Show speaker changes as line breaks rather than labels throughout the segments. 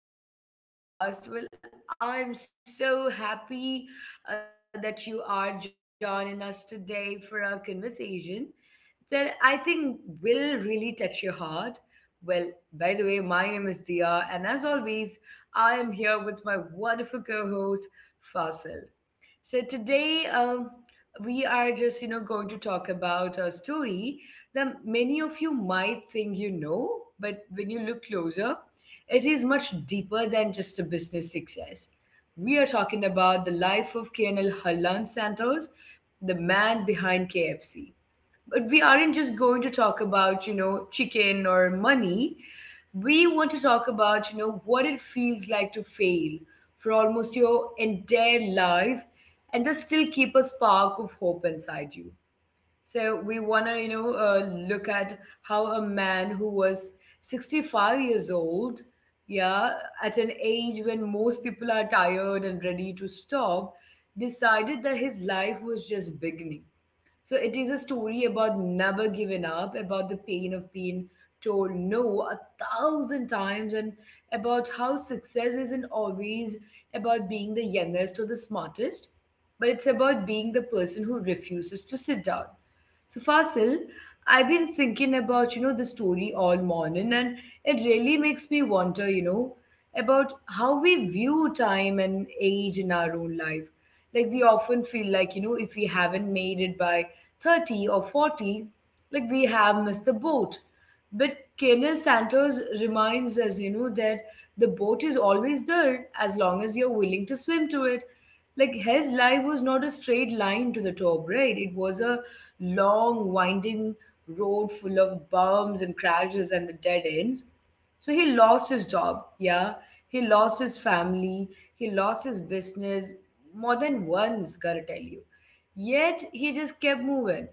to our podcast. Well, I'm so happy that you are joining us today for our conversation that I think will really touch your heart. Well, by the way, my name is Dia, and as always, I am here with my wonderful co host, Fasil. So today we are just going to talk about a story that many of you might think you know, but when you look closer, it is much deeper than just a business success. We are talking about the life of Colonel Harlan Santos, the man behind KFC, but we aren't just going to talk about chicken or money. We want to talk about what it feels like to fail for almost your entire life and just still keep a spark of hope inside you. So we want to, look at how a man who was 65 years old, yeah, at an age when most people are tired and ready to stop, decided that his life was just beginning. So it is a story about never giving up, about the pain of being told no a thousand times, and about how success isn't always about being the youngest or the smartest, but it's about being the person who refuses to sit down. So Fasil, I've been thinking about, the story all morning, and it really makes me wonder, about how we view time and age in our own life. Like we often feel like, if we haven't made it by 30 or 40, like we have missed the boat. But Colonel Santos reminds us, that the boat is always there as long as you're willing to swim to it. Like his life was not a straight line to the top, right? It was a long, winding road full of bumps and crashes and the dead ends. So he lost his job, yeah. He lost his family, he lost his business more than once, gotta tell you. Yet he just kept moving.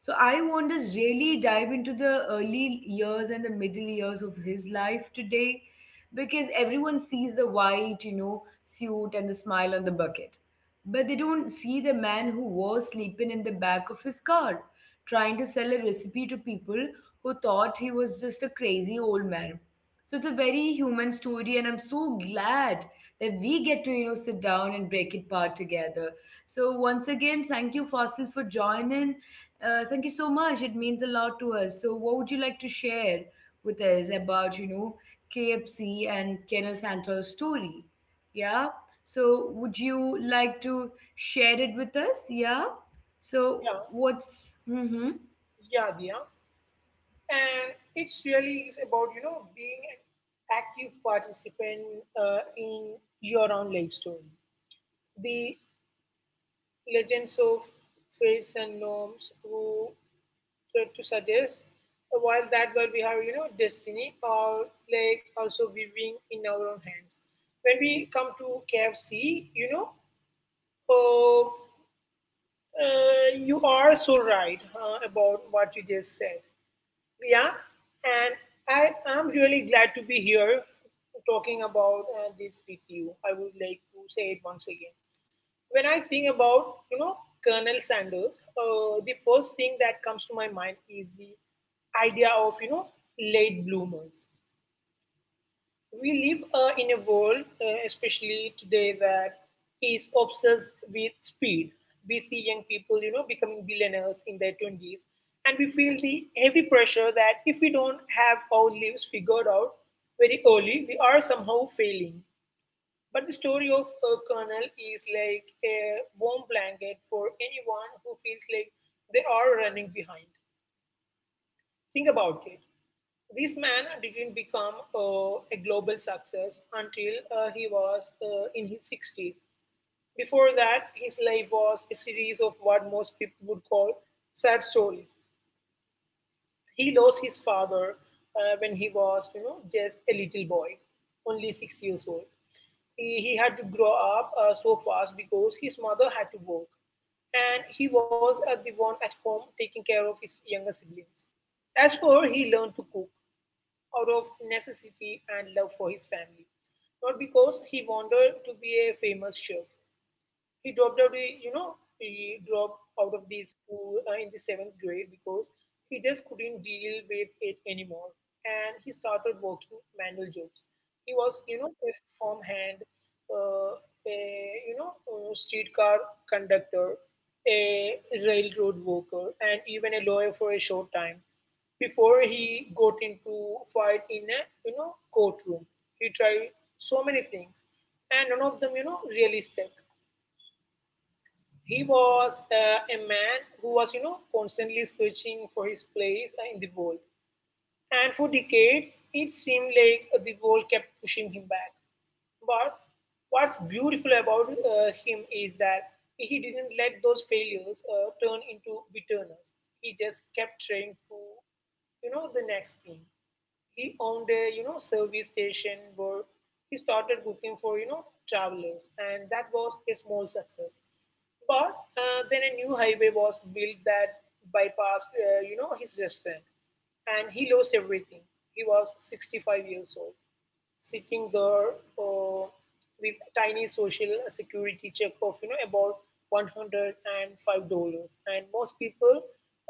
So I want us really dive into the early years and the middle years of his life today because everyone sees the white, suit and the smile on the bucket. But they don't see the man who was sleeping in the back of his car, trying to sell a recipe to people who thought he was just a crazy old man. So it's a very human story, and I'm so glad that we get to, sit down and break it apart together. So once again, thank you, Fossil, for joining. Thank you so much. It means a lot to us. So what would you like to share with us about, KFC and Colonel Santos story? Yeah. So would you like to share it with us? Yeah. So
Yeah,
what's Mm-hmm.
yeah, Diya. And it's really is about being an active participant in your own life story. The legends of fates and gnomes who tried to suggest while that world we have destiny or like also living in our own hands. When we come to KFC, uh, you are so right about what you just said. Yeah, and I am really glad to be here talking about this with you. I would like to say it once again. When I think about Colonel Sanders, the first thing that comes to my mind is the idea of late bloomers. We live in a world, especially today, that is obsessed with speed. We see young people becoming billionaires in their 20s, and we feel the heavy pressure that if we don't have our lives figured out very early, we are somehow failing. But the story of a colonel is like a warm blanket for anyone who feels like they are running behind. Think about it. This man didn't become a global success until he was in his 60s. Before that, his life was a series of what most people would call sad stories. He lost his father when he was just a little boy, only 6 years old. He had to grow up so fast because his mother had to work, and he was the one at home taking care of his younger siblings. As for he learned to cook out of necessity and love for his family, not because he wanted to be a famous chef. He dropped out. He dropped out of the school in the seventh grade because he just couldn't deal with it anymore, and he started working manual jobs. He was a farm hand, uh, a streetcar conductor, a railroad worker, and even a lawyer for a short time before he got into fight in a courtroom. He tried so many things, and none of them really stuck. He was a man who was constantly searching for his place in the world. And for decades, it seemed like the world kept pushing him back. But what's beautiful about him is that he didn't let those failures turn into bitterness. He just kept trying to the next thing. He owned a service station where he started cooking for travelers, and that was a small success. But then a new highway was built that bypassed his restaurant, and he lost everything. He was 65 years old. Seeking the uh, with tiny social security check of about $105 and $5, and most people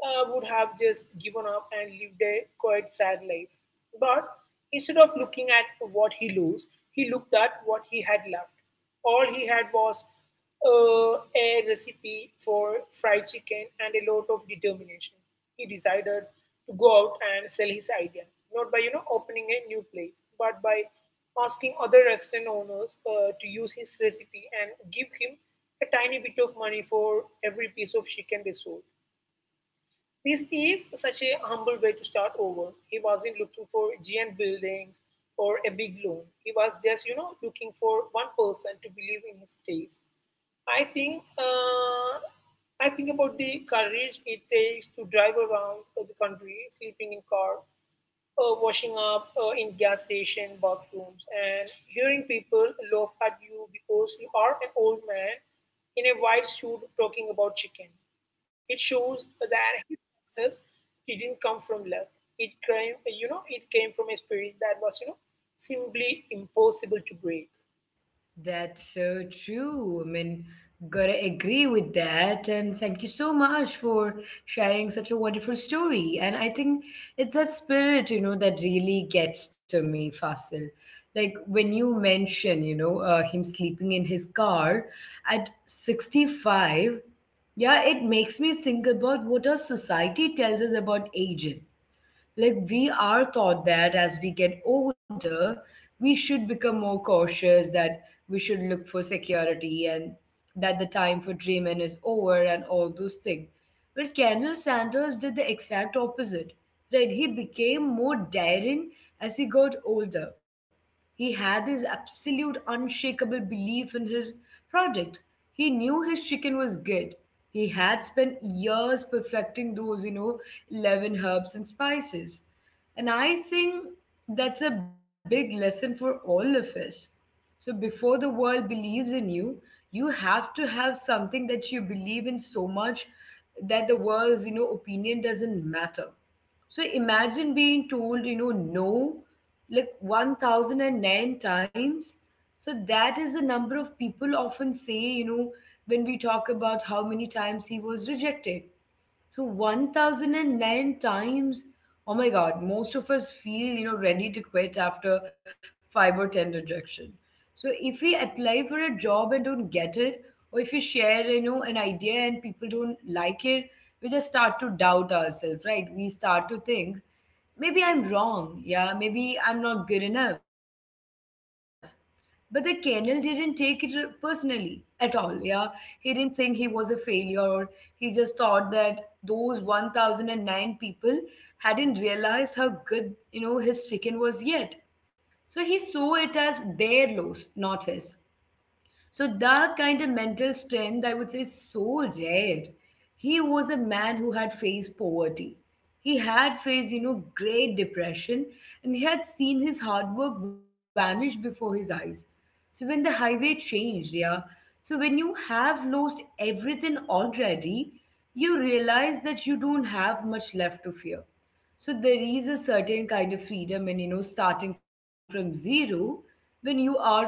would have just given up and lived a quite sad life, but instead of looking at what he lost, he looked at what he had left. All he had was a recipe for fried chicken and a lot of determination. He decided to go out and sell his idea, not by opening a new place, but by asking other restaurant owners to use his recipe and give him a tiny bit of money for every piece of chicken they sold. This is such a humble way to start over. He wasn't looking for giant buildings or a big loan. He was just looking for one person to believe in his taste. I think uh, I think about the courage it takes to drive around the country, sleeping in car, washing up in gas station bathrooms, and hearing people laugh at you because you are an old man in a white suit talking about chicken. It shows that his success didn't come from luck. It came from a spirit that was simply impossible to break.
That's so true. I mean, gotta agree with that. And thank you so much for sharing such a wonderful story. And I think it's that spirit, that really gets to me, Fasil. Like when you mention, him sleeping in his car at 65, yeah, it makes me think about what our society tells us about aging. Like, we are taught that as we get older, we should become more cautious, that we should look for security, and that the time for dreaming is over, and all those things. Well, Colonel Sanders did the exact opposite, right? He became more daring as he got older. He had this absolute unshakable belief in his product. He knew his chicken was good. He had spent years perfecting those, 11 herbs and spices. And I think that's a big lesson for all of us. So before the world believes in you, you have to have something that you believe in so much that the world's, opinion doesn't matter. So imagine being told, no, like 1009 times. So that is the number of people often say, when we talk about how many times he was rejected. So 1009 times. Oh my God, most of us feel, ready to quit after five or 10 rejection. So if we apply for a job and don't get it, or if we share, an idea and people don't like it, we just start to doubt ourselves, right? We start to think, maybe I'm wrong. Yeah, maybe I'm not good enough. But the Colonel didn't take it personally at all. Yeah, he didn't think he was a failure, or he just thought that those 1009 people hadn't realized how good his chicken was yet. So he saw it as their loss, not his. So that kind of mental strength, I would say, is so rare. He was a man who had faced poverty. He had faced, great depression, and he had seen his hard work vanish before his eyes. So when the highway changed, yeah. So when you have lost everything already, you realize that you don't have much left to fear. So there is a certain kind of freedom in, starting from zero when you are older.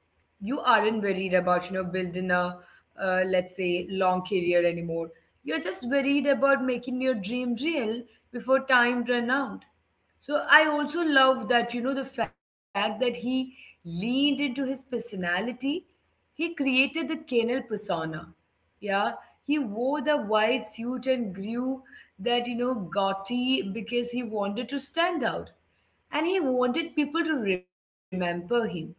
You aren't worried about, building a, let's say, long career anymore. You're just worried about making your dream real before time ran out. So I also love that, the fact that he leaned into his personality. He created the kennel persona, yeah, he wore the white suit and grew that, gaudy because he wanted to stand out. And he wanted people to remember him.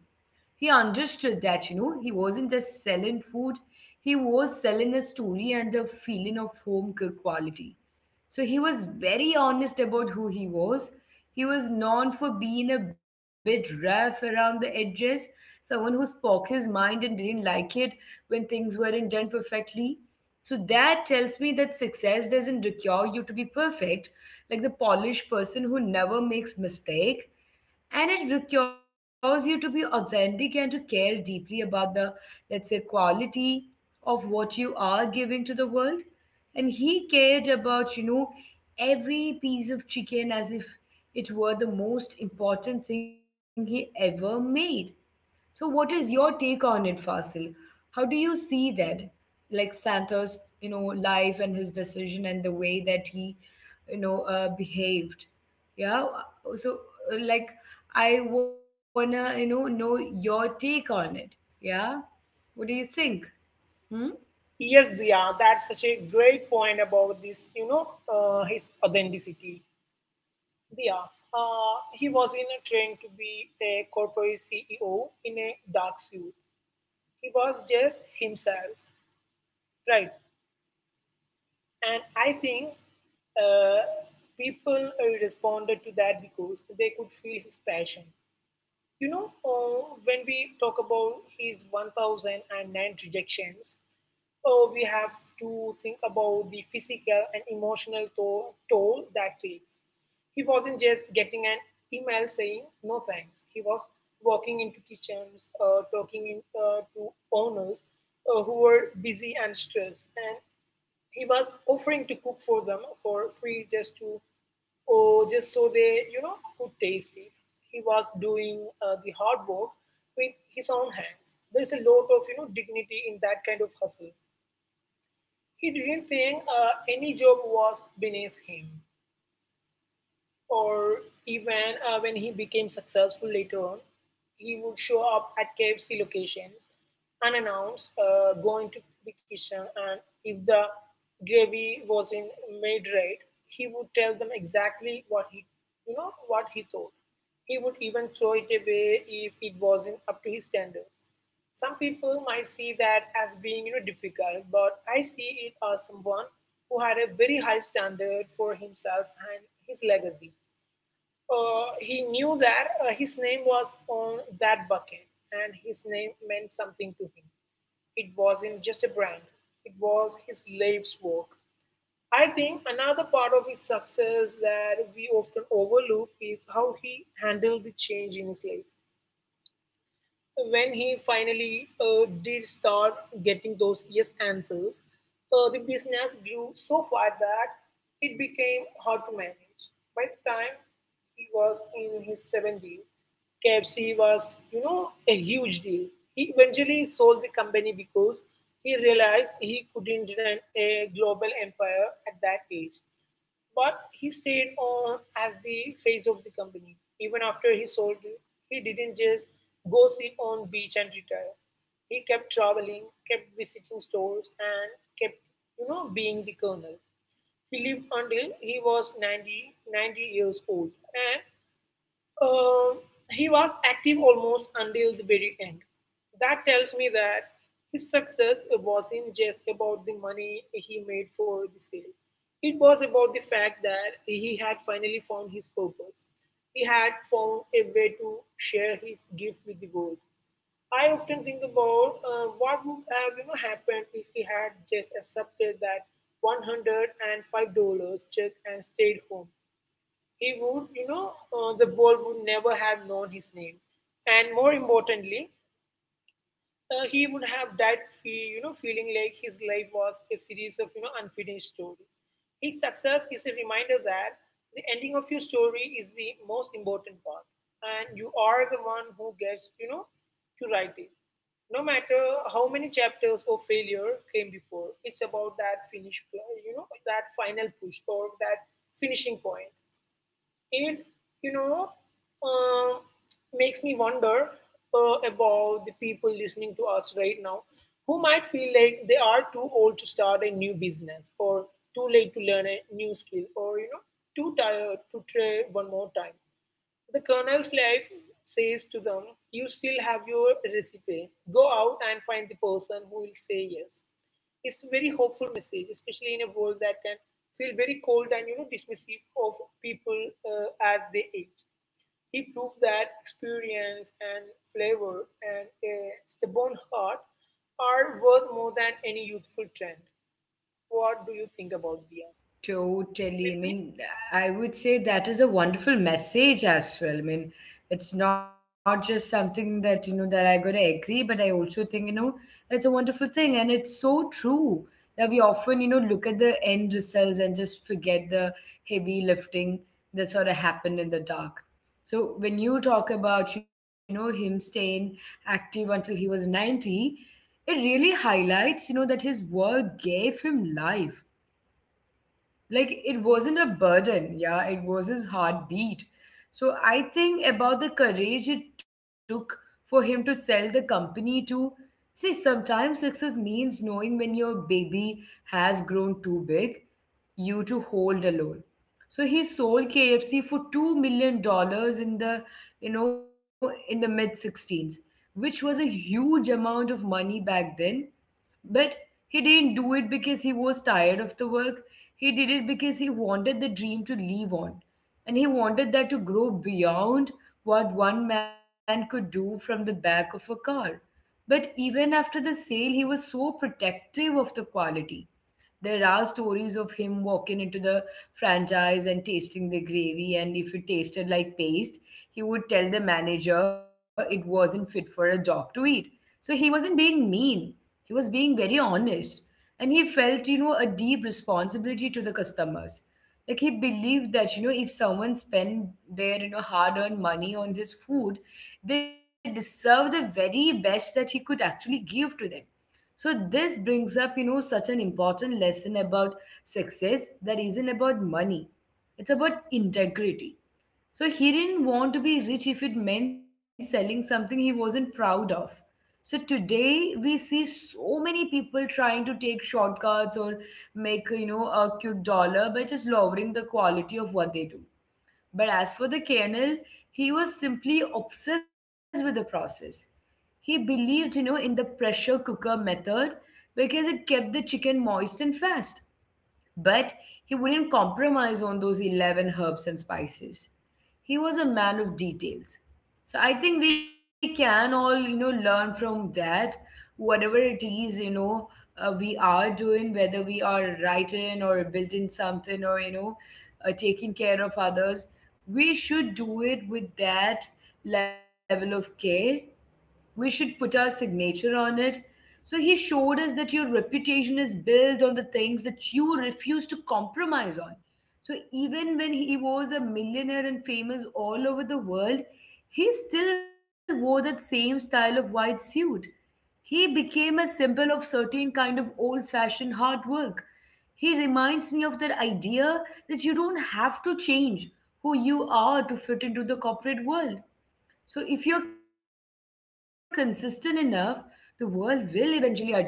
He understood that, he wasn't just selling food, he was selling a story and a feeling of home cooked quality. So he was very honest about who he was. He was known for being a bit rough around the edges, someone who spoke his mind and didn't like it when things weren't done perfectly. So that tells me that success doesn't require you to be perfect, like the polished person who never makes mistake, and it requires you to be authentic and to care deeply about the, let's say, quality of what you are giving to the world, and he cared about every piece of chicken as if it were the most important thing he ever made. So, what is your take on it, Fasil? How do you see that, like Santa's, life and his decision and the way that he, behaved? Yeah. So, like, I wanna, know your take on it. Yeah. What do you think? Hmm?
Yes, Diya, that's such a great point about this, his authenticity. Diya, he was in a train to be a corporate CEO in a dark suit. He was just himself, right? And I think uh, people responded to that because they could feel his passion. When we talk about his 1009 rejections, we have to think about the physical and emotional toll that takes. He wasn't just getting an email saying no thanks. He was walking into kitchens, talking to owners who were busy and stressed, and he was offering to cook for them for free just to, or just so they could taste it. He was doing the hard work with his own hands. There's a lot of dignity in that kind of hustle. He didn't think any job was beneath him. Or even when he became successful later on, he would show up at KFC locations unannounced, going to the kitchen, and if the gravy wasn't made right, he would tell them exactly what he thought. He would even throw it away if it wasn't up to his standards. Some people might see that as being difficult, but I see it as someone who had a very high standard for himself and his legacy. He knew that his name was on that bucket, and his name meant something to him. It wasn't just a brand, it was his life's work. I think another part of his success that we often overlook is how he handled the change in his life when he finally did start getting those yes answers. The business grew so far that it became hard to manage. By the time he was in his 70s, KFC was a huge deal. He eventually sold the company because he realized he couldn't run a global empire at that age. But he stayed on as the face of the company. Even after he sold it, he didn't just go sit on beach and retire. He kept traveling, kept visiting stores, and kept being the colonel. He lived until he was ninety years old. And uh, he was active almost until the very end. That tells me that his success wasn't just about the money he made for the sale. It was about the fact that he had finally found his purpose. He had found a way to share his gift with the world. I often think about what would have happened if he had just accepted that $105 check and stayed home. He would, you know, uh, the world would never have known his name. And more importantly, he would have died, feeling like his life was a series of unfinished stories. His success is a reminder that the ending of your story is the most important part, and you are the one who gets to write it. No matter how many chapters of failure came before, it's about that finish, that final push or that finishing point. It you know uh, makes me wonder about the people listening to us right now who might feel like they are too old to start a new business, or too late to learn a new skill, or too tired to try one more time. The Colonel's life says to them, You still have your recipe. Go out and find the person who will say yes. It's a very hopeful message, especially in a world that can feel very cold and dismissive of people as they age. He proved that experience and flavor and a stubborn heart are worth more than any youthful trend. What do you think about, Dia?
Totally. I
With me?
mean, I would say that is a wonderful message as well. I mean, it's not just something that I gotta agree, but I also think, it's a wonderful thing. And it's so true that we often, look at the end results and just forget the heavy lifting that sort of happened in the dark. So when you talk about, him staying active until he was 90, it really highlights, that his work gave him life. Like, it wasn't a burden, yeah, it was his heartbeat. So I think about the courage it took for him to sell the company to. See, sometimes success means knowing when your baby has grown too big you to hold alone. So he sold KFC for $2 million in the, you know in the mid 16s, which was a huge amount of money back then. But he didn't do it because he was tired of the work. He did it because he wanted the dream to live on. And he wanted that to grow beyond what one man could do from the back of a car. But even after the sale, he was so protective of the quality. There are stories of him walking into the franchise and tasting the gravy, and if it tasted like paste, he would tell the manager it wasn't fit for a dog to eat. So he wasn't being mean, he was being very honest. And he felt, a deep responsibility to the customers. Like, he believed that, if someone spent their, hard earned money on his food, they deserve the very best that he could actually give to them. So this brings up, such an important lesson about success that isn't about money. It's about integrity. So he didn't want to be rich if it meant selling something he wasn't proud of. So today we see so many people trying to take shortcuts or make, a quick dollar by just lowering the quality of what they do. But as for the colonel, he was simply obsessed with the process. He believed, in the pressure cooker method because it kept the chicken moist and fast. But he wouldn't compromise on those 11 herbs and spices. He was a man of details. So I think we can all learn from that, whatever it is, we are doing, whether we are writing or building something or taking care of others, we should do it with that level of care. We should put our signature on it. So he showed us that your reputation is built on the things that you refuse to compromise on. So even when he was a millionaire and famous all over the world, he still wore that same style of white suit. He became a symbol of certain kind of old-fashioned hard work. He reminds me of that idea that you don't have to change who you are to fit into the corporate world. So if you're consistent enough, the world will eventually adjust itself to you.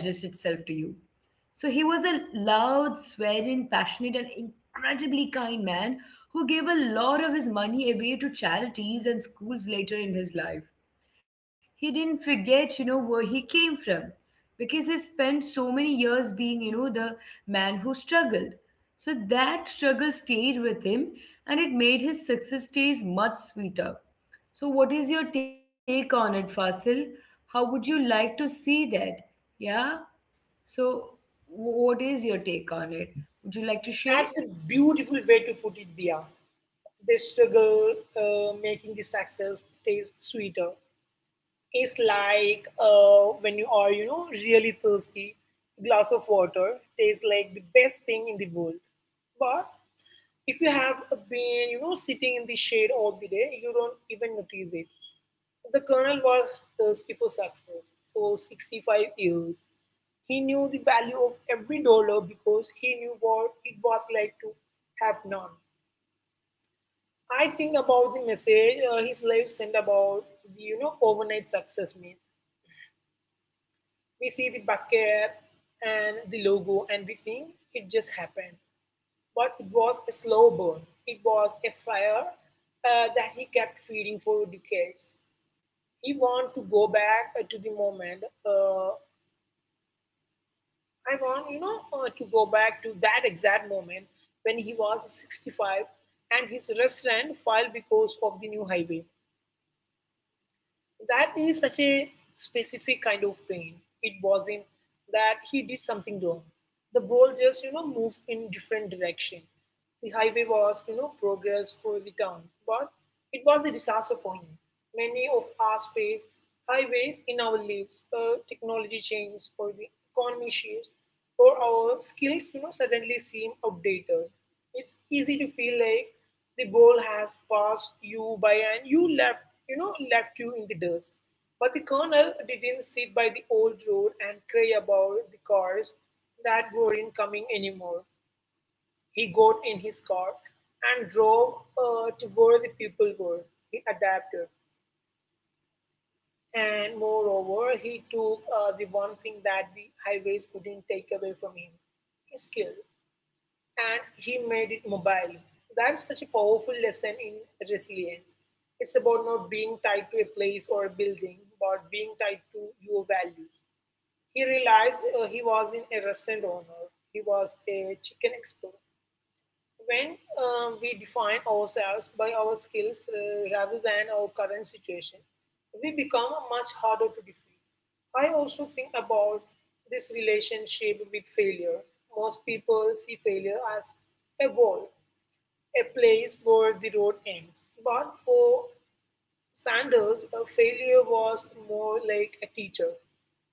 So he was a loud, swearing, passionate, and incredibly kind man who gave a lot of his money away to charities and schools later in his life. He didn't forget where he came from because he spent so many years being the man who struggled. So that struggle stayed with him and it made his success days much sweeter. So, what is your take on it, Fasil? How would you like to see that? Yeah. So, what is your take on it? Would you
That's
like
a
to share?
beautiful way to put it, Dia. They struggle making the success taste sweeter. It's like when you are really thirsty, a glass of water tastes like the best thing in the world. But if you have been sitting in the shade all the day, you don't even notice it. The colonel was thirsty for success for 65 years. He knew the value of every dollar because he knew what it was like to have none. I think about the message his life sent about the overnight success myth. We see the bucket and the logo and we think it just happened, but it was a slow burn. It was a fire that he kept feeding for decades. He want to go back to the moment. I want to go back to that exact moment when he was 65 and his restaurant filed because of the new highway. That is such a specific kind of pain. It wasn't that he did something wrong. The ball just, you know, moved in different direction. The highway was, you know, progress for the town, but it was a disaster for him. Many of us face highways in our lives. Technology changes or the economy shifts or our skills suddenly seem outdated. It's easy to feel like the ball has passed you by and you left you know left you in the dust. But the colonel didn't sit by the old road and cry about the cars that weren't coming anymore. He got in his car and drove to where the people were. He adapted, and moreover he took the one thing that the highways couldn't take away from him, his skill, and he made it mobile. That's such a powerful lesson in resilience. It's about not being tied to a place or a building, but being tied to your values. He realized he was in a restaurant owner, he was a chicken expert. When we define ourselves by our skills rather than our current situation, we become much harder to defeat. I also think about this relationship with failure. Most people see failure as a wall, a place where the road ends. But for Sanders' a failure was more like a teacher.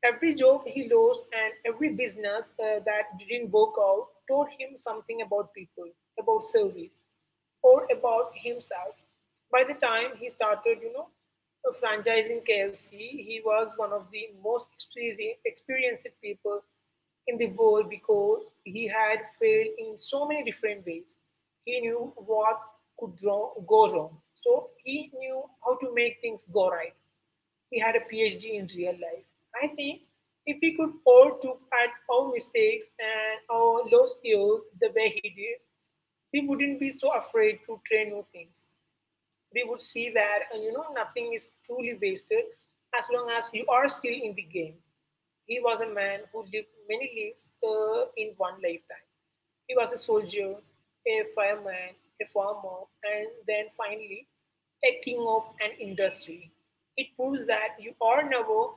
Every job he lost and every business that didn't work out taught him something about people, about service, or about himself. By the time he started, you know, franchising KFC, he was one of the most experienced people in the world because he had failed in so many different ways. He knew what go wrong, so he knew how to make things go right. He had a PhD in real life. I think if we could all look at our mistakes and our lost years the way he did, we wouldn't be so afraid to try new things. We would see that and nothing is truly wasted as long as you are still in the game. He was a man who lived many lives in one lifetime. He was a soldier, a fireman, a farmer, and then finally a king of an industry. It proves that you are never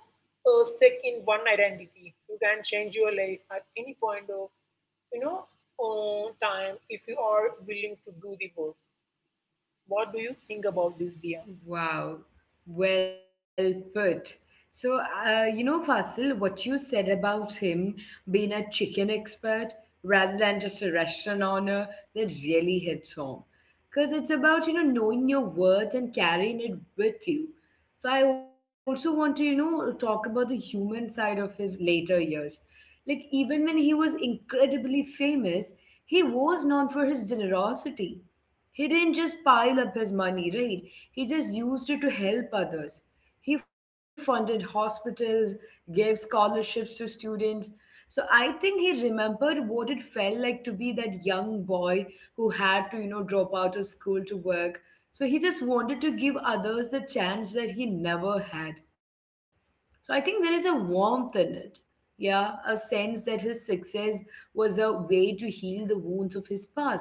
stuck in one identity. You can change your life at any point of you know time if you are willing to do the work. What do you think about this, Dia?
Wow, well put. So, Fasil, what you said about him being a chicken expert rather than just a restaurant owner, that really hits home. Because it's about knowing your worth and carrying it with you. So, I also want to talk about the human side of his later years. Like, even when he was incredibly famous, he was known for his generosity. He didn't just pile up his money, right? He just used it to help others. He funded hospitals, gave scholarships to students. So I think he remembered what it felt like to be that young boy who had to drop out of school to work. So he just wanted to give others the chance that he never had. So I think there is a warmth in it. Yeah, a sense that his success was a way to heal the wounds of his past.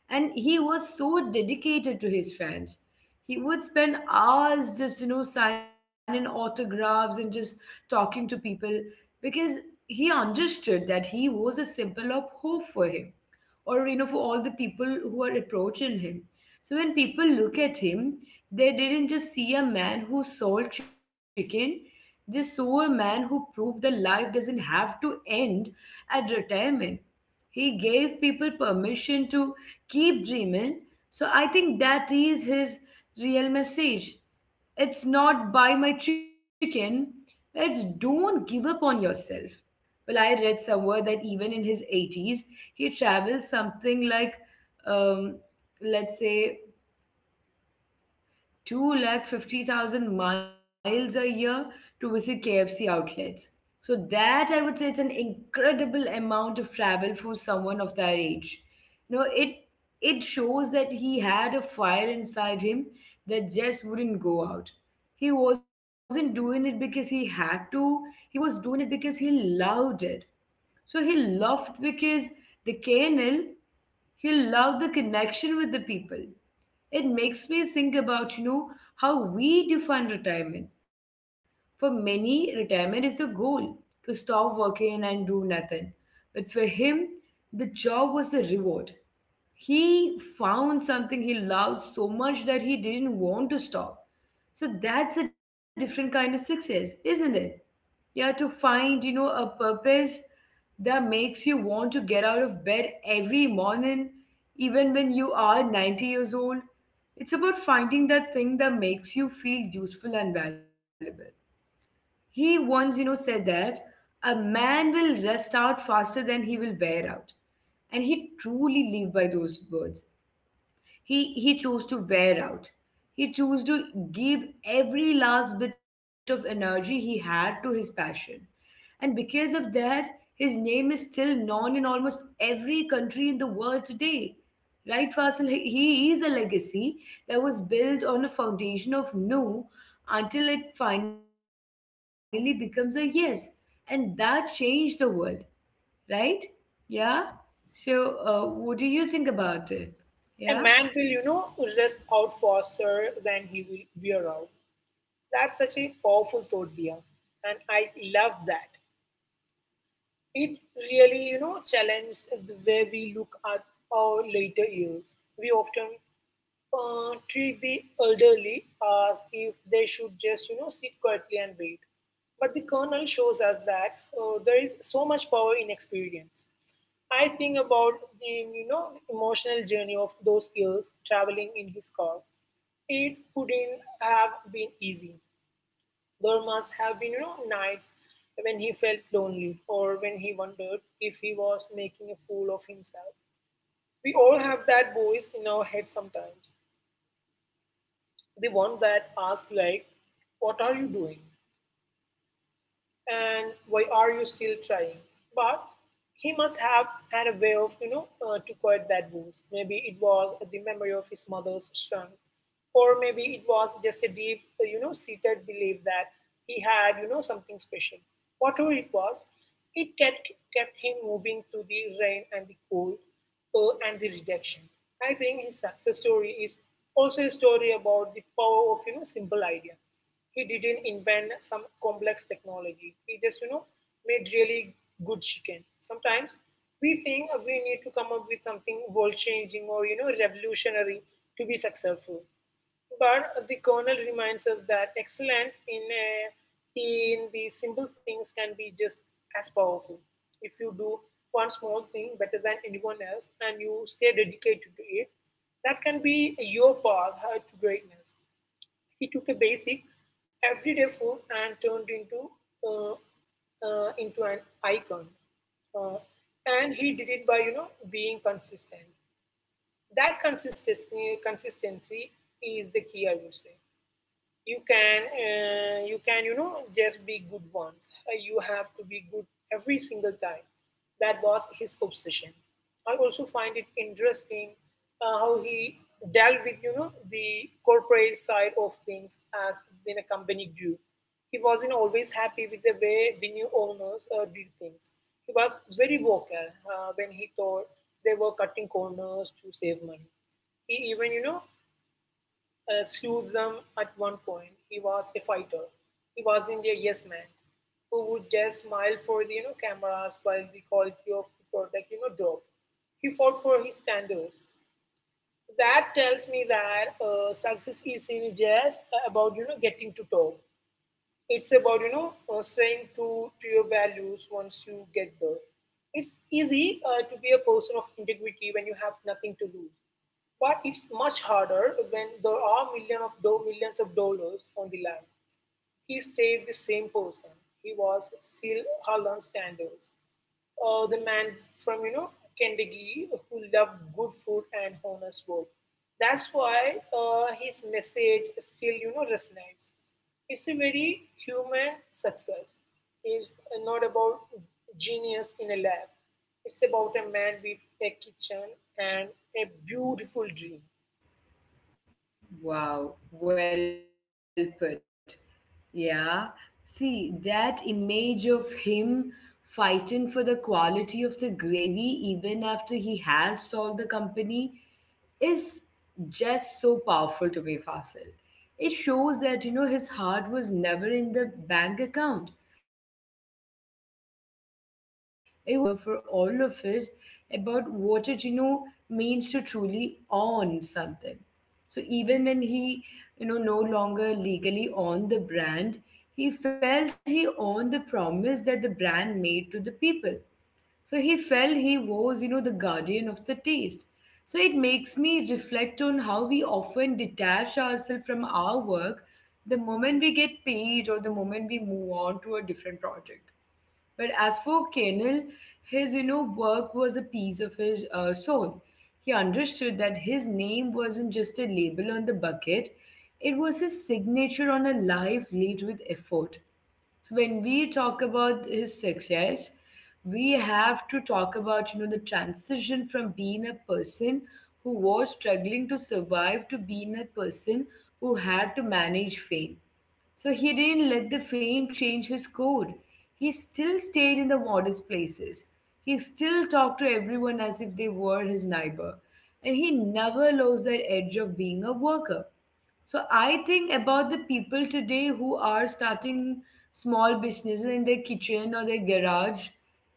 And he was so dedicated to his fans, he would spend hours just signing autographs and just talking to people because he understood that he was a symbol of hope for him, or for all the people who are approaching him. So when people look at him, they didn't just see a man who sold chicken. They saw a man who proved that life doesn't have to end at retirement. He gave people permission to keep dreaming. So I think that is his real message. It's not buy my chicken, it's don't give up on yourself. Well, I read somewhere that even in his 80s, he traveled something like, um, let's say, 250,000 miles a year to visit KFC outlets. So, that I would say it's an incredible amount of travel for someone of that age. You know, it, it shows that he had a fire inside him that just wouldn't go out. He wasn't doing it because he had to, he was doing it because he loved it. So he loved because the canal, he loved the connection with the people. It makes me think about how we define retirement. For many, retirement is the goal to stop working and do nothing. But for him, the job was the reward. He found something he loved so much that he didn't want to stop. So that's a different kind of success, isn't it? Yeah, to find a purpose that makes you want to get out of bed every morning even when you are 90 years old. It's about finding that thing that makes you feel useful and valuable. He once said that a man will rust out faster than he will wear out. And he truly lived by those words. He chose to wear out. He chose to give every last bit of energy he had to his passion. And because of that, his name is still known in almost every country in the world today. Right, Fasil? He is a legacy that was built on a foundation of no until it finally becomes a yes. And that changed the world, right? Yeah? So, what do you think about it? Yeah?
A man will, you know, rest out faster than he will wear out. That's such a powerful thought, Dia. And I love that. It really challenges the way we look at our later years. We often treat the elderly as if they should just sit quietly and wait, but the kernel shows us that there is so much power in experience. I think about the emotional journey of those years traveling in his car. It couldn't have been easy. There must have been, you know, nights when he felt lonely or when he wondered if he was making a fool of himself. We all have that voice in our head sometimes. The one that asks like, what are you doing? And why are you still trying? But he must have had a way of, you know, to quiet that voice. Maybe it was the memory of his mother's strength, or maybe it was just a deep, seated belief that he had, you know, something special. Whatever it was, it kept him moving through the rain and the cold and the rejection. I think his success story is also a story about the power of, you know, simple idea. He didn't invent some complex technology. He just, you know, made really good chicken. Sometimes we think we need to come up with something world-changing or, you know, revolutionary to be successful. But the Colonel reminds us that excellence in the simple things can be just as powerful. If you do one small thing better than anyone else and you stay dedicated to it, that can be your path to greatness. He took a basic, everyday food and turned uh, into an icon. Uh, and he did it by being consistent. That consistency is the key, I would say. You can you can just be good once. You have to be good every single time. That was his obsession. I also find it interesting how he dealt with the corporate side of things. As when a company grew, he wasn't always happy with the way the new owners did things. He was very vocal when he thought they were cutting corners to save money. He even sued them at one point. He was a fighter. He wasn't a yes man who would just smile for the cameras while the quality of the product dropped. He fought for his standards. That tells me that success isn't just about getting to top. It's about staying true to your values once you get there. It's easy to be a person of integrity when you have nothing to lose, but it's much harder when there are millions of dollars on the line. He stayed the same person. He was still Harlan Sanders, the man from Kentucky who loved good food and honest work. That's why his message still resonates. It's a very human success. It's not about genius in a lab. It's about a man with a kitchen and a beautiful dream.
Wow, well put. Yeah. See, that image of him fighting for the quality of the gravy even after he had sold the company is just so powerful to me, Fasil. It shows that his heart was never in the bank account, it was in the kitchen. And I think there is a profound lesson there for all of us about what it means to truly own something. So even when he no longer legally owned the brand, he felt he owned the promise that the brand made to the people. So he felt he was the guardian of the taste. So it makes me reflect on how we often detach ourselves from our work the moment we get paid or the moment we move on to a different project. But as for Kenil, his work was a piece of his soul. He understood that his name wasn't just a label on the bucket; it was his signature on a life lived with effort. So when we talk about his success, we have to talk about the transition from being a person who was struggling to survive to being a person who had to manage fame. So he didn't let the fame change his code. He still stayed in the modest places. He still talked to everyone as if they were his neighbor. And he never lost that edge of being a worker. So I think about the people today who are starting small businesses in their kitchen or their garage.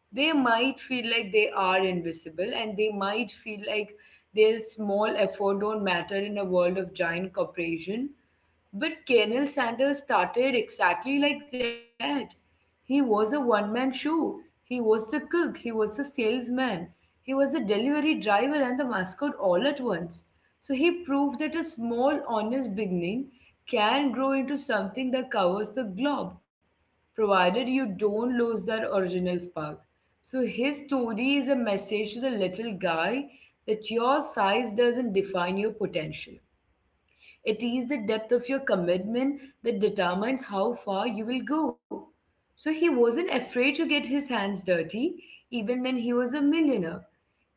They might feel like they are invisible and they might feel like their small effort don't matter in a world of giant corporation. But Colonel Sanders started exactly like that. He was a one man show. He was the cook, he was the salesman, he was the delivery driver and the mascot all at once. So he proved that a small, honest beginning can grow into something that covers the globe, provided you don't lose that original spark. So his story is a message to the little guy that your size doesn't define your potential. It is the depth of your commitment that determines how far you will go. So he wasn't afraid to get his hands dirty, even when he was a millionaire.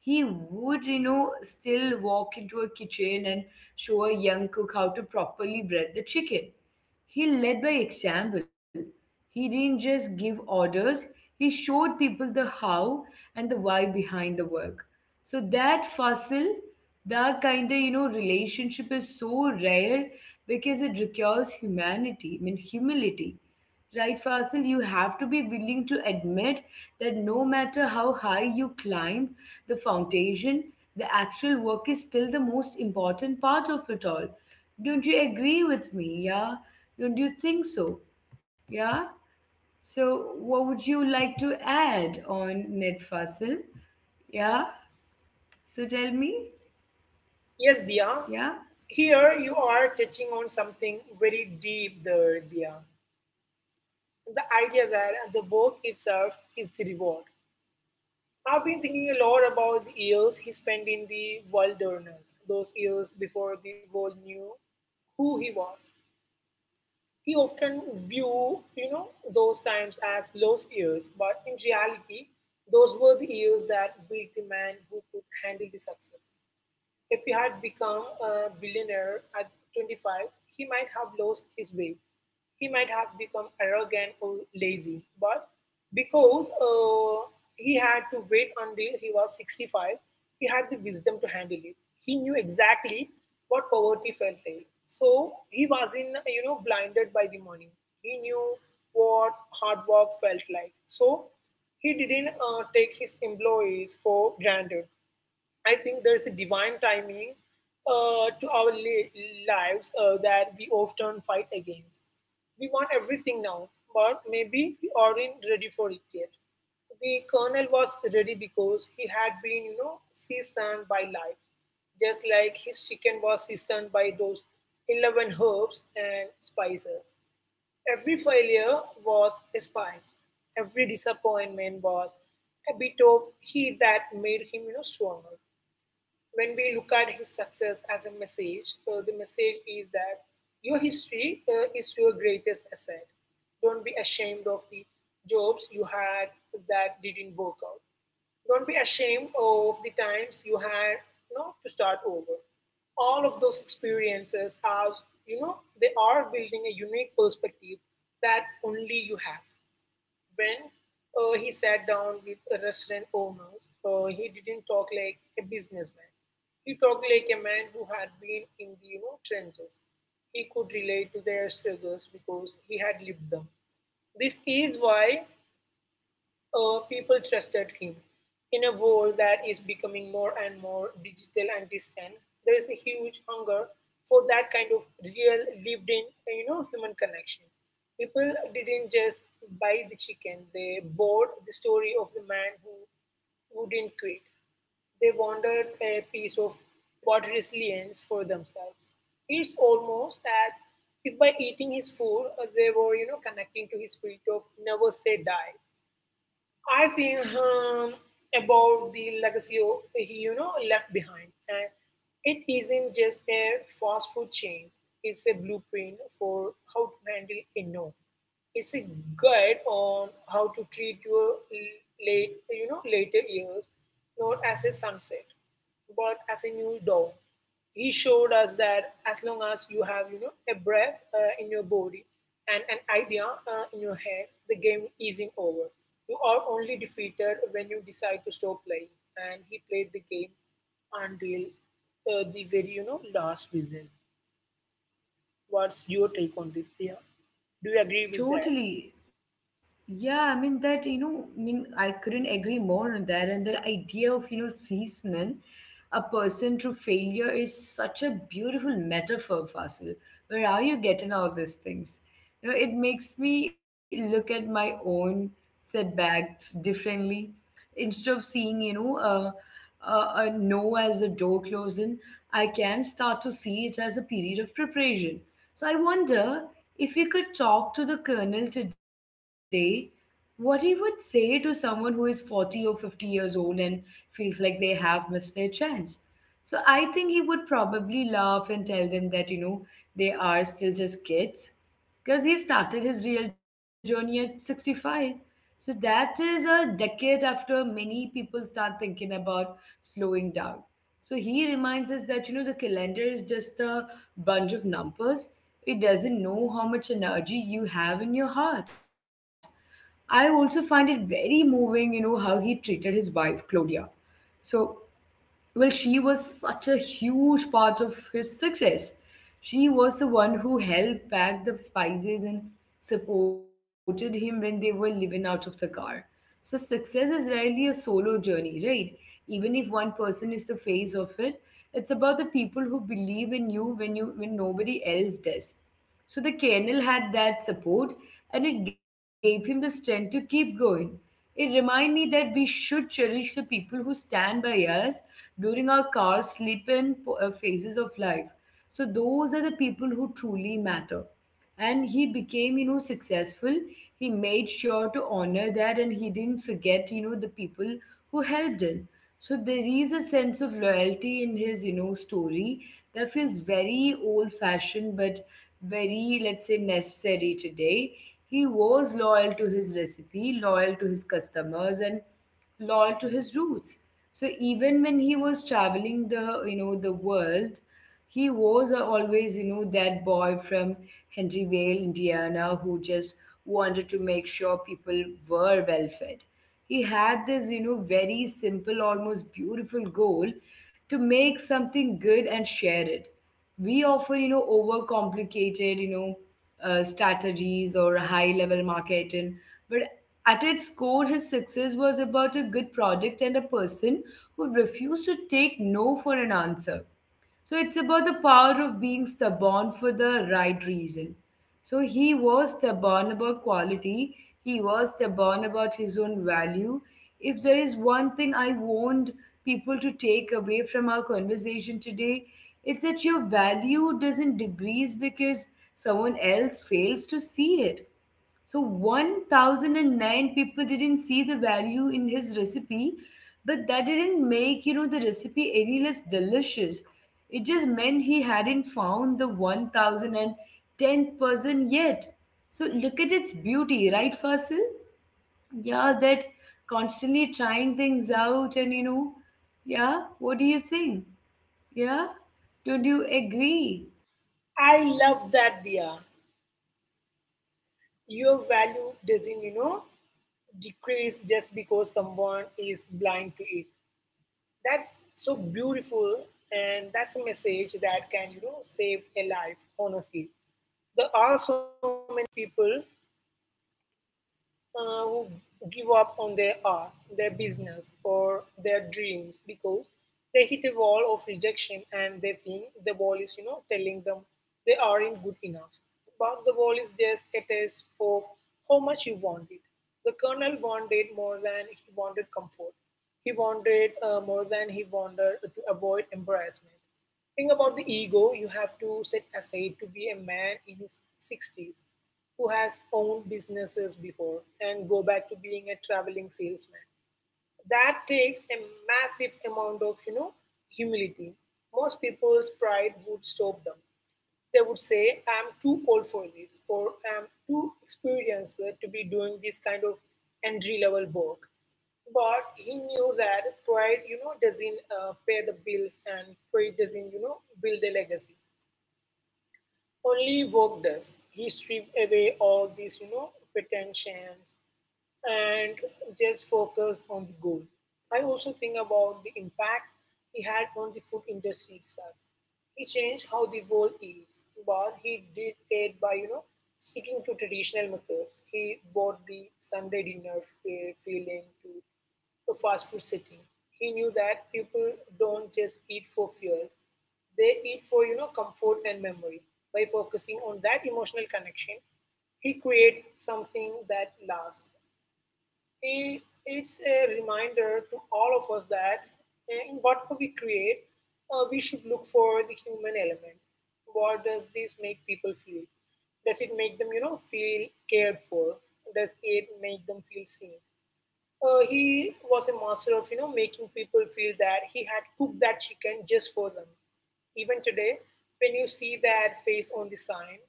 He would still walk into a kitchen and show a young cook how to properly bread the chicken. He led by example. He didn't just give orders, he showed people the how and the why behind the work. So that, Fasil, that kind of relationship is so rare because it requires humanity. I mean humility. Right, Fasil? You have to be willing to admit that no matter how high you climb, the foundation, the actual work is still the most important part of it all. Don't you agree with me? Yeah? Don't you think so? Yeah? So what would you like to add on net, Fasil? Yeah? So tell me.
Yes, Dia.
Yeah?
Here you are touching on something very deep there, Dia. The idea that the work itself is the reward. I've been thinking a lot about the years he spent in the wilderness, those years before the world knew who he was. He often view, you know, those times as lost years, but in reality, those were the years that built the man who could handle the success. If he had become a billionaire at 25, he might have lost his way. He might have become arrogant or lazy. But because he had to wait until he was 65, he had the wisdom to handle it. He knew exactly what poverty felt like. So he wasn't, you know, blinded by the money. He knew what hard work felt like. So he didn't take his employees for granted. I think there is a divine timing to our lives that we often fight against. We want everything now, but maybe we aren't ready for it yet. The colonel was ready because he had been, you know, seasoned by life, just like his chicken was seasoned by those 11 herbs and spices. Every failure was a spice. Every disappointment was a bit of heat that made him, you know, stronger. When we look at his success as a message, the message is that your history is your greatest asset. Don't be ashamed of the jobs you had that didn't work out. Don't be ashamed of the times you had, you know, to start over. All of those experiences are, you know, they are building a unique perspective that only you have. When he sat down with restaurant owners, he didn't talk like a businessman. He talked like a man who had been in the trenches. He could relate to their struggles because he had lived them. This is why people trusted him. In a world that is becoming more and more digital and distant, there is a huge hunger for that kind of real lived in human connection. People didn't just buy the chicken, they bought the story of the man who wouldn't quit. They wanted a piece of what resilience for themselves. It's almost as if by eating his food, they were, you know, connecting to his spirit of never say die. I think about the legacy of, he left behind, and it isn't just a fast food chain. It's a blueprint for how to handle a no. It's a guide on how to treat your late, you know, later years, not as a sunset, but as a new dawn. He showed us that as long as you have, you know, a breath in your body and an idea in your head, the game isn't over. You are only defeated when you decide to stop playing. And he played the game until the very, you know, last whistle. What's your take on this, Dia? Do you agree with that?
Totally. Yeah, I mean that, I mean I couldn't agree more on that. And the idea of, seasoning a person through failure is such a beautiful metaphor, Fasil. Where are you getting all these things? It makes me look at my own setbacks differently. Instead of seeing, a no as a door closing, I can start to see it as a period of preparation. So I wonder if we could talk to the colonel today, what he would say to someone who is 40 or 50 years old and feels like they have missed their chance. So I think he would probably laugh and tell them that they are still just kids because he started his real journey at 65. So that is a decade after many people start thinking about slowing down. So he reminds us that the calendar is just a bunch of numbers. It doesn't know how much energy you have in your heart. I also find it very moving how he treated his wife Claudia. So well, she was such a huge part of his success. She was the one who helped pack the spices and supported him when they were living out of the car. So, success is rarely a solo journey, right? Even if one person is the face of it, it's about the people who believe in you when nobody else does. So the kennel had that support, and it gave him the strength to keep going. It reminded me that we should cherish the people who stand by us during our cars, sleep, and phases of life. So those are the people who truly matter, and he became, you know, successful. He made sure to honor that, and he didn't forget, you know, the people who helped him. So there is a sense of loyalty in his, you know, story that feels very old fashioned but very, let's say, necessary today. He was loyal to his recipe, loyal to his customers, and loyal to his roots. So even when he was traveling the you know the world, he was always, that boy from Henryvale, Indiana, who just wanted to make sure people were well fed. He had this, very simple, almost beautiful goal to make something good and share it. We often, overcomplicated, strategies or high level marketing, but at its core, his success was about a good product and a person who refused to take no for an answer. So it's about the power of being stubborn for the right reason. So he was stubborn about quality, he was stubborn about his own value. If there is one thing I want people to take away from our conversation today, it's that your value doesn't decrease because someone else fails to see it. So 1,009 people didn't see the value in his recipe, but that didn't make, the recipe any less delicious. It just meant he hadn't found the 1010th person yet. So look at its beauty, right, Fasil? Yeah, that constantly trying things out and, you know, yeah, what do you think? Yeah, don't you agree?
I love that Dia. Your value doesn't, you know, decrease just because someone is blind to it. That's so beautiful, and that's a message that can, save a life. Honestly, there are so many people who give up on their art, their business, or their dreams because they hit a wall of rejection and they think the wall is, telling them they aren't good enough. But the wall is just a test of how much you want it. The colonel wanted more than he wanted comfort. He wanted more than he wanted to avoid embarrassment. Think about the ego you have to set aside to be a man in his 60s who has owned businesses before and go back to being a traveling salesman. That takes a massive amount of, humility. Most people's pride would stop them. They would say, I'm too old for this, or I'm too experienced to be doing this kind of entry level work. But he knew that pride, doesn't pay the bills, and pride doesn't, build a legacy. Only work does. He stripped away all these, pretensions and just focus on the goal. I also think about the impact he had on the food industry itself. He changed how the world is, but he did it by sticking to traditional methods. He bought the Sunday dinner feeling to a fast food city. He knew that people don't just eat for fuel; they eat for comfort and memory. By focusing on that emotional connection, he created something that lasts. It's a reminder to all of us that in whatever we create, we should look for the human element. What does this make people feel? Does it make them, feel cared for? Does it make them feel seen? He was a master of, making people feel that he had cooked that chicken just for them. Even today, when you see that face on the sign,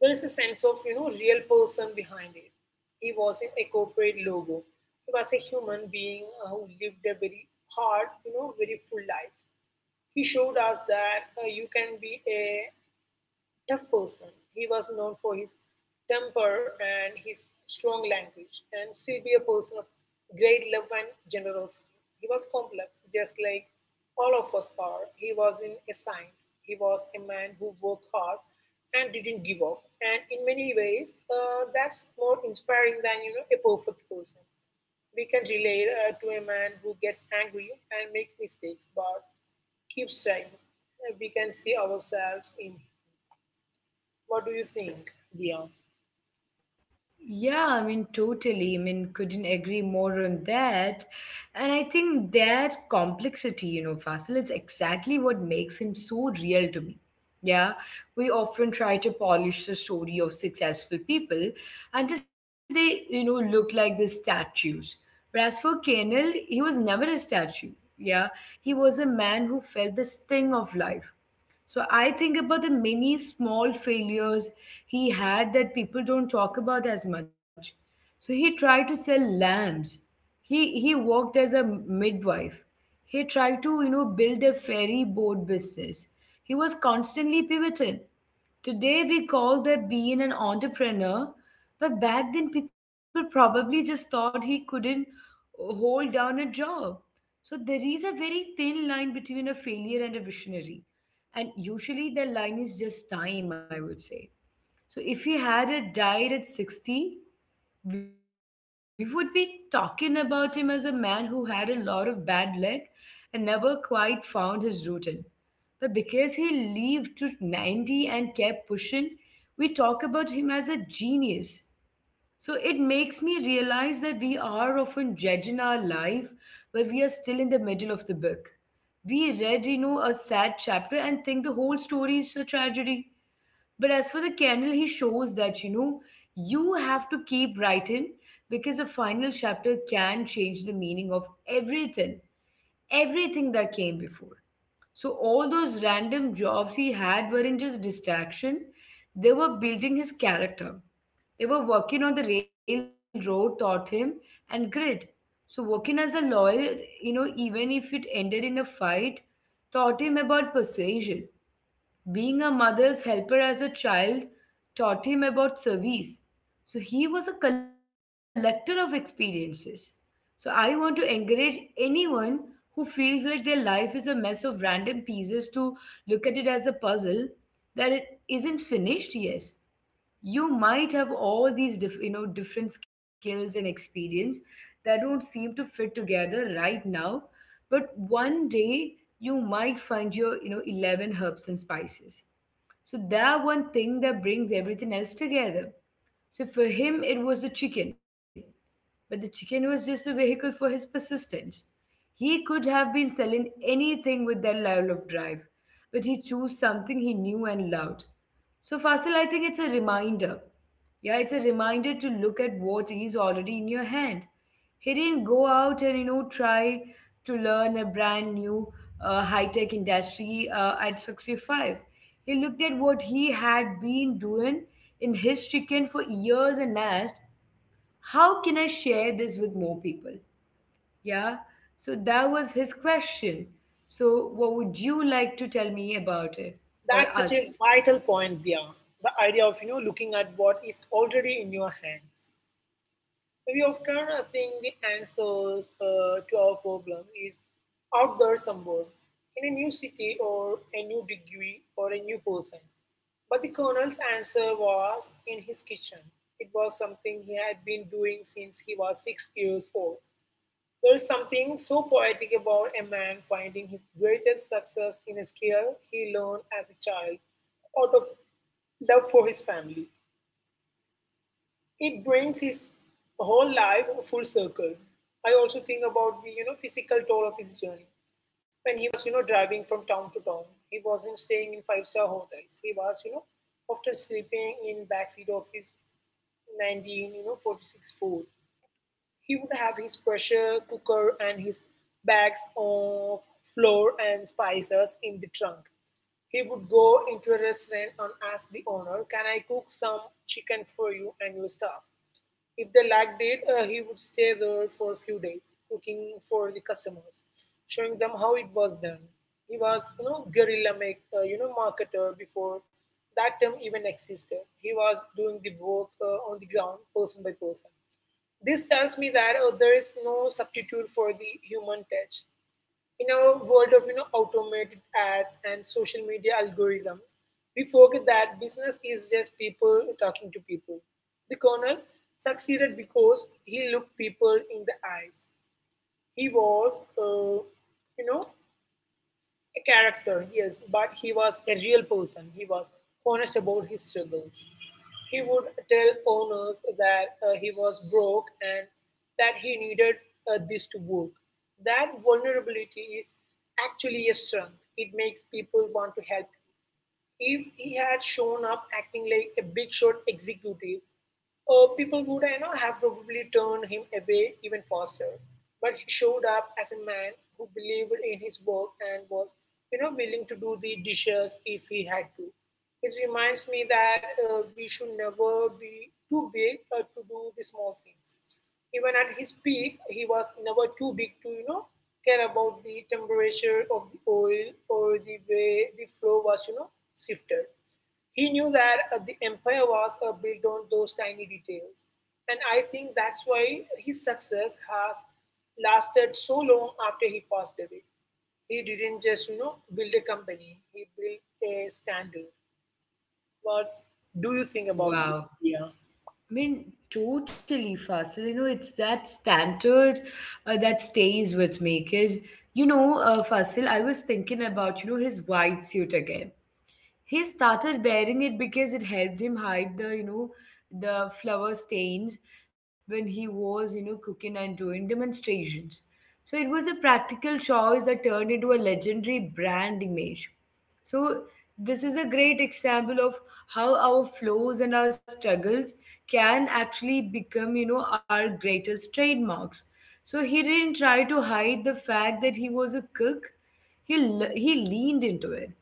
there is a sense of real person behind it. He wasn't a corporate logo. He was a human being who lived a very hard, very full life. He showed us that you can be a tough person. He was known for his temper and his strong language, and she'd be a person of great love and generosity. He was complex, just like all of us are. He was not a saint. He was a man who worked hard and didn't give up. And in many ways, that's more inspiring than a perfect person. We can relate to a man who gets angry and make mistakes, but keeps trying. We can see ourselves in what do you think, Dia?
Yeah, I mean, totally. I mean, couldn't agree more on that. And I think that complexity, Fasil, it's exactly what makes him so real to me. Yeah, we often try to polish the story of successful people until they, look like the statues. Whereas for Kenil, he was never a statue. Yeah, he was a man who felt the sting of life. So I think about the many small failures he had that people don't talk about as much. So he tried to sell lambs. He worked as a midwife. He tried to, build a ferry boat business. He was constantly pivoting. Today we call that being an entrepreneur, but back then people probably just thought he couldn't hold down a job. So there is a very thin line between a failure and a visionary. And usually the line is just time, I would say. So if he had a died at 60, we would be talking about him as a man who had a lot of bad luck and never quite found his routine. But because he lived to 90 and kept pushing, we talk about him as a genius. So it makes me realize that we are often judging our life while we are still in the middle of the book. We read, a sad chapter and think the whole story is a tragedy. But as for the kernel, he shows that, you have to keep writing because the final chapter can change the meaning of everything, everything that came before. So all those random jobs he had weren't just distraction, they were building his character. They were working on the railroad, taught him, and grit. So working as a lawyer, even if it ended in a fight, taught him about persuasion. Being a mother's helper as a child taught him about service. So he was a collector of experiences. So I want to encourage anyone who feels like their life is a mess of random pieces to look at it as a puzzle that it isn't finished yes, you might have all these different skills and experience that don't seem to fit together right now, but one day you might find your, 11 herbs and spices, so that one thing that brings everything else together. So for him, it was the chicken, but the chicken was just a vehicle for his persistence. He could have been selling anything with that level of drive, but he chose something he knew and loved. So Fasil, I think it's a reminder. Yeah, it's a reminder to look at what is already in your hand. He didn't go out and, try to learn a brand new high-tech industry at 65. He looked at what he had been doing in his chicken for years and asked, "How can I share this with more people?" Yeah, so that was his question. So, what would you like to tell me about it or
That's such a
us?
vital point, Dia. The idea of looking at what is already in your hands. We often think the answers to our problem is out there somewhere, in a new city or a new degree or a new person. But the colonel's answer was in his kitchen. It was something he had been doing since he was 6 years old. There is something so poetic about a man finding his greatest success in a skill he learned as a child out of love for his family. It brings his whole life full circle. I also think about the physical toll of his journey. When he was driving from town to town, he wasn't staying in five-star hotels. He was often sleeping in backseat of his 19 46 Ford. He would have his pressure cooker and his bags of flour and spices in the trunk. He would go into a restaurant and ask the owner, can I cook some chicken for you and your staff? If they liked it, he would stay there for a few days, cooking for the customers, showing them how it was done. He was, guerrilla marketer before that term even existed. He was doing the work on the ground, person by person. This tells me that there is no substitute for the human touch. In our world of automated ads and social media algorithms, we forget that business is just people talking to people. The colonel succeeded because he looked people in the eyes. He was, you know, a character, yes, but he was a real person. He was honest about his struggles. He would tell owners that he was broke and that he needed this to work. That vulnerability is actually a strength. It makes people want to help. If he had shown up acting like a big shot executive, people would, have probably turned him away even faster. But he showed up as a man who believed in his work and was, willing to do the dishes if he had to. It reminds me that we should never be too big to do the small things. Even at his peak, he was never too big to, care about the temperature of the oil or the way the flow was, shifted. He knew that the empire was built on those tiny details. And I think that's why his success has lasted so long after he passed away. He didn't just, build a company, he built a standard. What do you think about this,
Wow.
Dia?
I mean, totally, Fasil. You know, it's that standard that stays with me. Because, Fasil, I was thinking about, his white suit again. He started wearing it because it helped him hide the, the flour stains when he was, cooking and doing demonstrations. So it was a practical choice that turned into a legendary brand image. So this is a great example of how our flaws and our struggles can actually become, our greatest trademarks. So he didn't try to hide the fact that he was a cook. He leaned into it.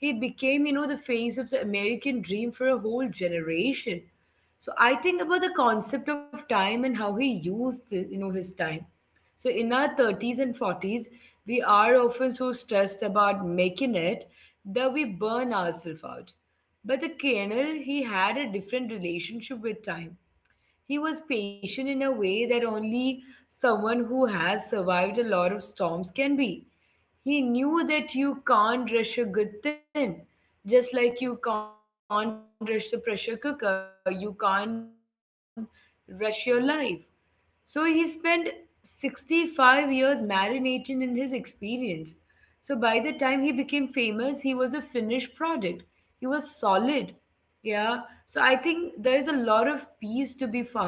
He became, the face of the American dream for a whole generation. So I think about the concept of time and how he used the, his time. So, in our 30s and 40s, we are often so stressed about making it that we burn ourselves out. But the colonel, he had a different relationship with time. He was patient in a way that only someone who has survived a lot of storms can be. He knew that you can't rush a good thing, just like you can't rush the pressure cooker, you can't rush your life. So he spent 65 years marinating in his experience. So by the time he became famous, he was a finished product. He was solid. Yeah. So I think there is a lot of peace to be found in that idea.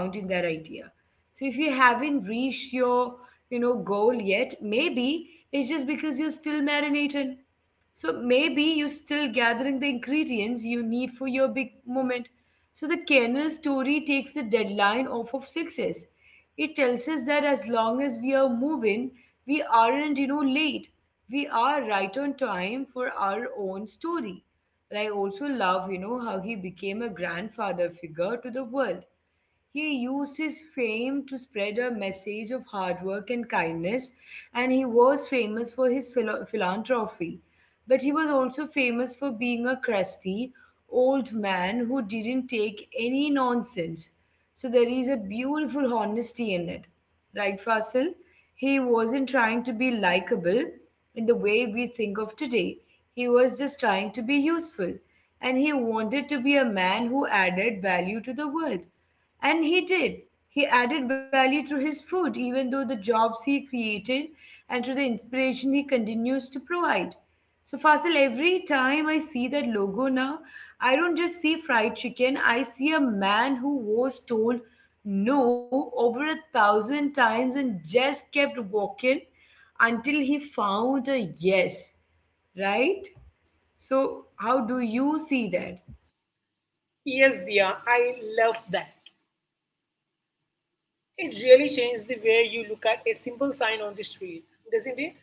So if you haven't reached your, goal yet, maybe it's just because you're still marinating. So maybe you're still gathering the ingredients you need for your big moment. So the kernel story takes the deadline off of success. It tells us that as long as we are moving, we aren't, late. We are right on time for our own story. But I also love, how he became a grandfather figure to the world. He used his fame to spread a message of hard work and kindness, and he was famous for his philanthropy. But he was also famous for being a crusty old man who didn't take any nonsense. So there is a beautiful honesty in it. Right, Fasil? He wasn't trying to be likable in the way we think of today. He was just trying to be useful. And he wanted to be a man who added value to the world. And he did. He added value to his food, even though the jobs he created and to the inspiration he continues to provide. So, Fasil, every time I see that logo now, I don't just see fried chicken, I see a man who was told no over a thousand times and just kept walking until he found a yes, right? So, how do you see that?
Yes, Dia, I love that. It really changes the way you look at a simple sign on the street, doesn't it?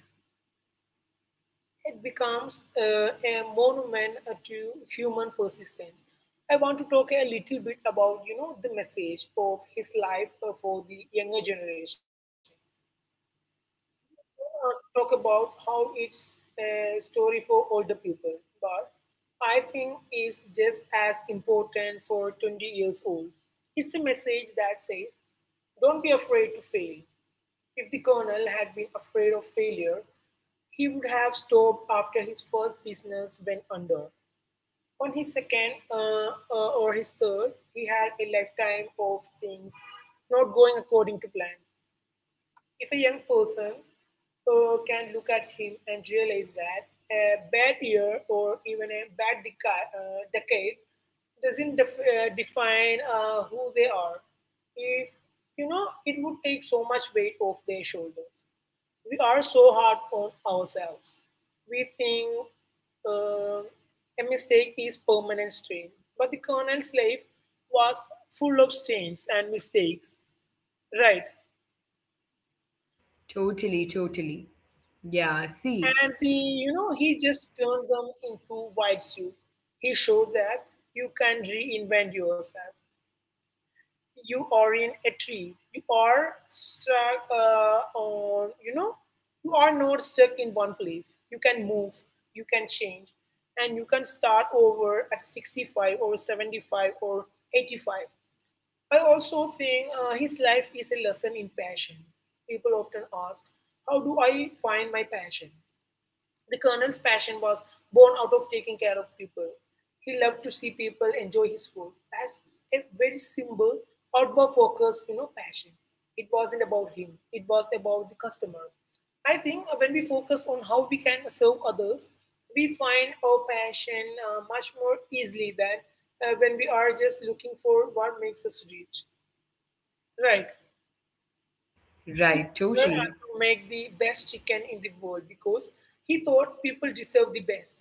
It becomes a monument to human persistence. I want to talk a little bit about, the message of his life for the younger generation. Talk about how it's a story for older people, but I think it's just as important for 20 years old. It's a message that says, don't be afraid to fail. If the colonel had been afraid of failure, he would have stopped after his first business went under. On his second or his third, he had a lifetime of things not going according to plan. If a young person can look at him and realize that a bad year or even a bad decade doesn't define who they are, if it would take so much weight off their shoulders. We are so hard on ourselves. We think uh, a mistake is permanent strain, but the colonel's life was full of stains and mistakes. Right.
Totally, totally. Yeah, see.
And he, he just turned them into white soup. He showed that you can reinvent yourself. You are in a tree. You are stuck on, you are not stuck in one place. You can move, you can change, and you can start over at 65 or 75 or 85. I also think his life is a lesson in passion. People often ask, how do I find my passion? The colonel's passion was born out of taking care of people. He loved to see people enjoy his food. That's a very simple, outward focused, passion. It wasn't about him. It was about the customer. I think when we focus on how we can serve others, we find our passion much more easily than when we are just looking for what makes us rich. Right. He
Right,
learned how
totally.
to make the best chicken in the world because he thought people deserve the best.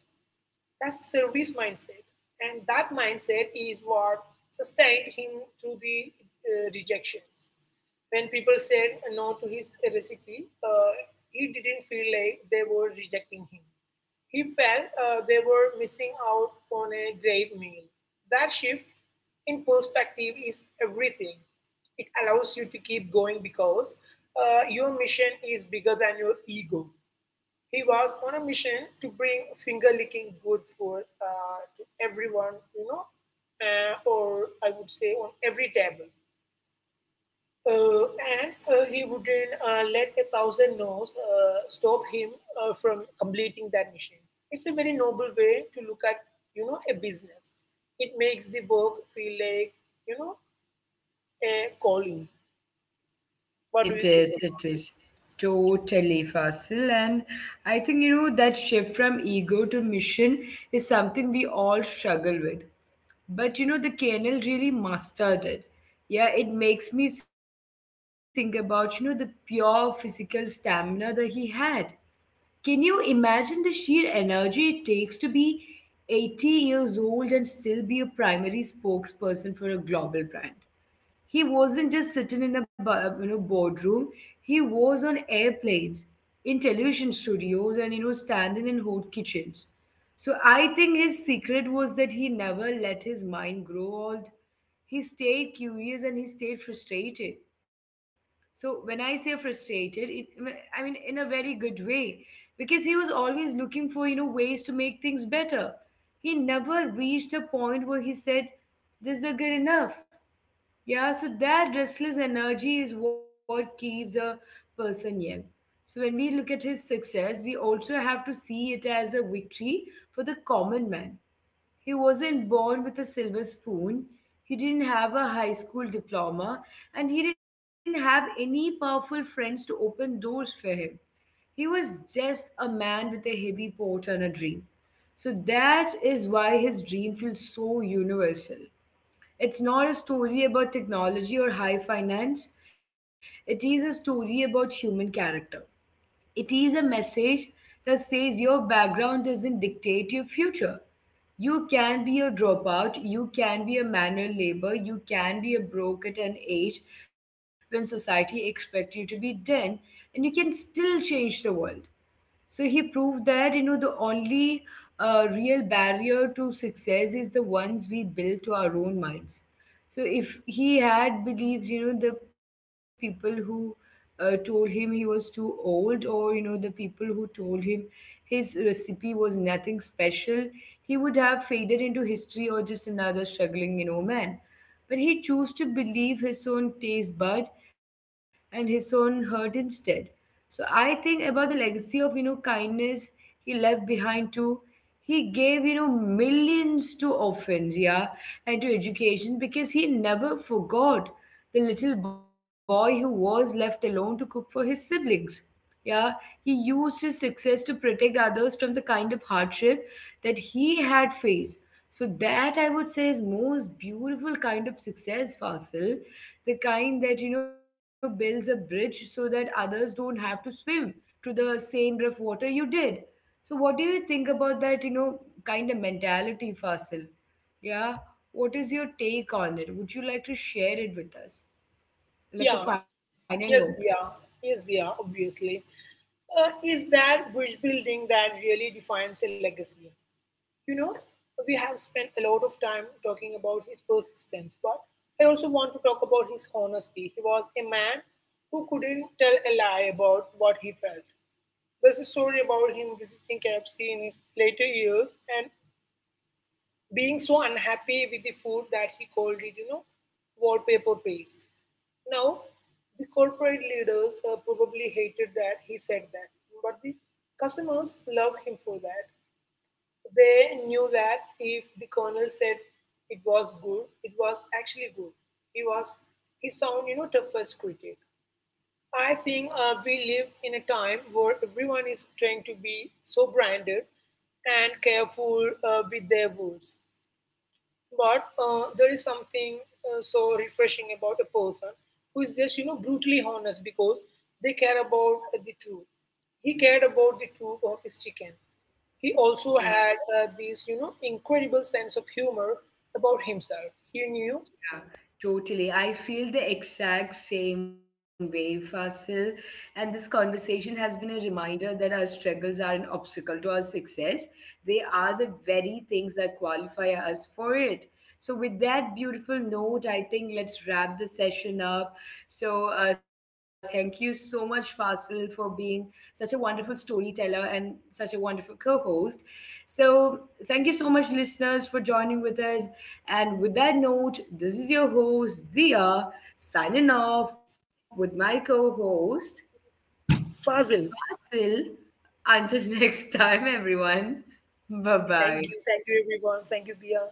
That's a service mindset. And that mindset is what sustained him through the rejections. When people said no to his recipe, he didn't feel like they were rejecting him. He felt they were missing out on a great meal. That shift in perspective is everything. It allows you to keep going because your mission is bigger than your ego. He was on a mission to bring finger licking good food to everyone, or I would say on every table. Uh, and he wouldn't let a thousand no's stop him from completing that mission. It's a very noble way to look at, a business. It makes the work feel like, you know, a calling. What do you think
It
about this?
is totally facile. And I think, that shift from ego to mission is something we all struggle with. But, the kernel really mastered it. Yeah, it makes me think about, the pure physical stamina that he had. Can you imagine the sheer energy it takes to be 80 years old and still be a primary spokesperson for a global brand? He wasn't just sitting in a boardroom. He was on airplanes, in television studios, and, standing in hot kitchens. So I think his secret was that he never let his mind grow old. He stayed curious and he stayed frustrated. So when I say frustrated, it, I mean in a very good way because he was always looking for, ways to make things better. He never reached a point where he said, "This is good enough." Yeah, so that restless energy is what keeps a person young. So when we look at his success, we also have to see it as a victory for the common man. He wasn't born with a silver spoon, he didn't have a high school diploma, and he didn't have any powerful friends to open doors for him. He was just a man with a heavy pot and a dream. So that is why his dream feels so universal. It's not a story about technology or high finance. It is a story about human character. It is a message that says your background doesn't dictate your future. You can be a dropout, you can be a manual labor, you can be a broke at an age when society expects you to be done, and you can still change the world. So he proved that, the only real barrier to success is the ones we build to our own minds. So if he had believed, the people who told him he was too old, or, the people who told him his recipe was nothing special, he would have faded into history or just another struggling, man. But he chose to believe his own taste bud and his own hurt instead. So I think about the legacy of, kindness he left behind too. He gave, millions to orphans, yeah, and to education because he never forgot the little boy who was left alone to cook for his siblings. Yeah, he used his success to protect others from the kind of hardship that he had faced. So that, I would say, is most beautiful kind of success, Fasil, the kind that, builds a bridge so that others don't have to swim to the same rough water you did. So what do you think about that, kind of mentality, Fasil? Yeah, what is your take on it? Would you like to share it with us, like a
Yeah,
final note?
yes, they are. Yes, they are, obviously. Is that bridge building that really defines a legacy? You know, we have spent a lot of time talking about his persistence, but I also want to talk about his honesty. He was a man who couldn't tell a lie about what he felt. There's a story about him visiting KFC in his later years and being so unhappy with the food that he called it, wallpaper paste. Now, the corporate leaders probably hated that he said that, but the customers loved him for that. They knew that if the colonel said it was good, it was actually good. He was his own, toughest critic. I think we live in a time where everyone is trying to be so branded and careful with their words. But there is something so refreshing about a person who is just, brutally honest because they care about the truth. He cared about the truth of his chicken. He also
Yeah.
had this, incredible sense of humor about himself. He knew
Yeah, totally. I feel the exact same way, Fasil. And this conversation has been a reminder that our struggles are an obstacle to our success. They are the very things that qualify us for it. So, with that beautiful note, I think let's wrap the session up. So, thank you so much, Fasil, for being such a wonderful storyteller and such a wonderful co host. So, thank you so much, listeners, for joining with us. And with that note, this is your host, Dia, signing off with my co host,
Fazil.
Asil. Until next time, everyone. Bye bye.
Thank you. Thank you, everyone. Thank you, Dia.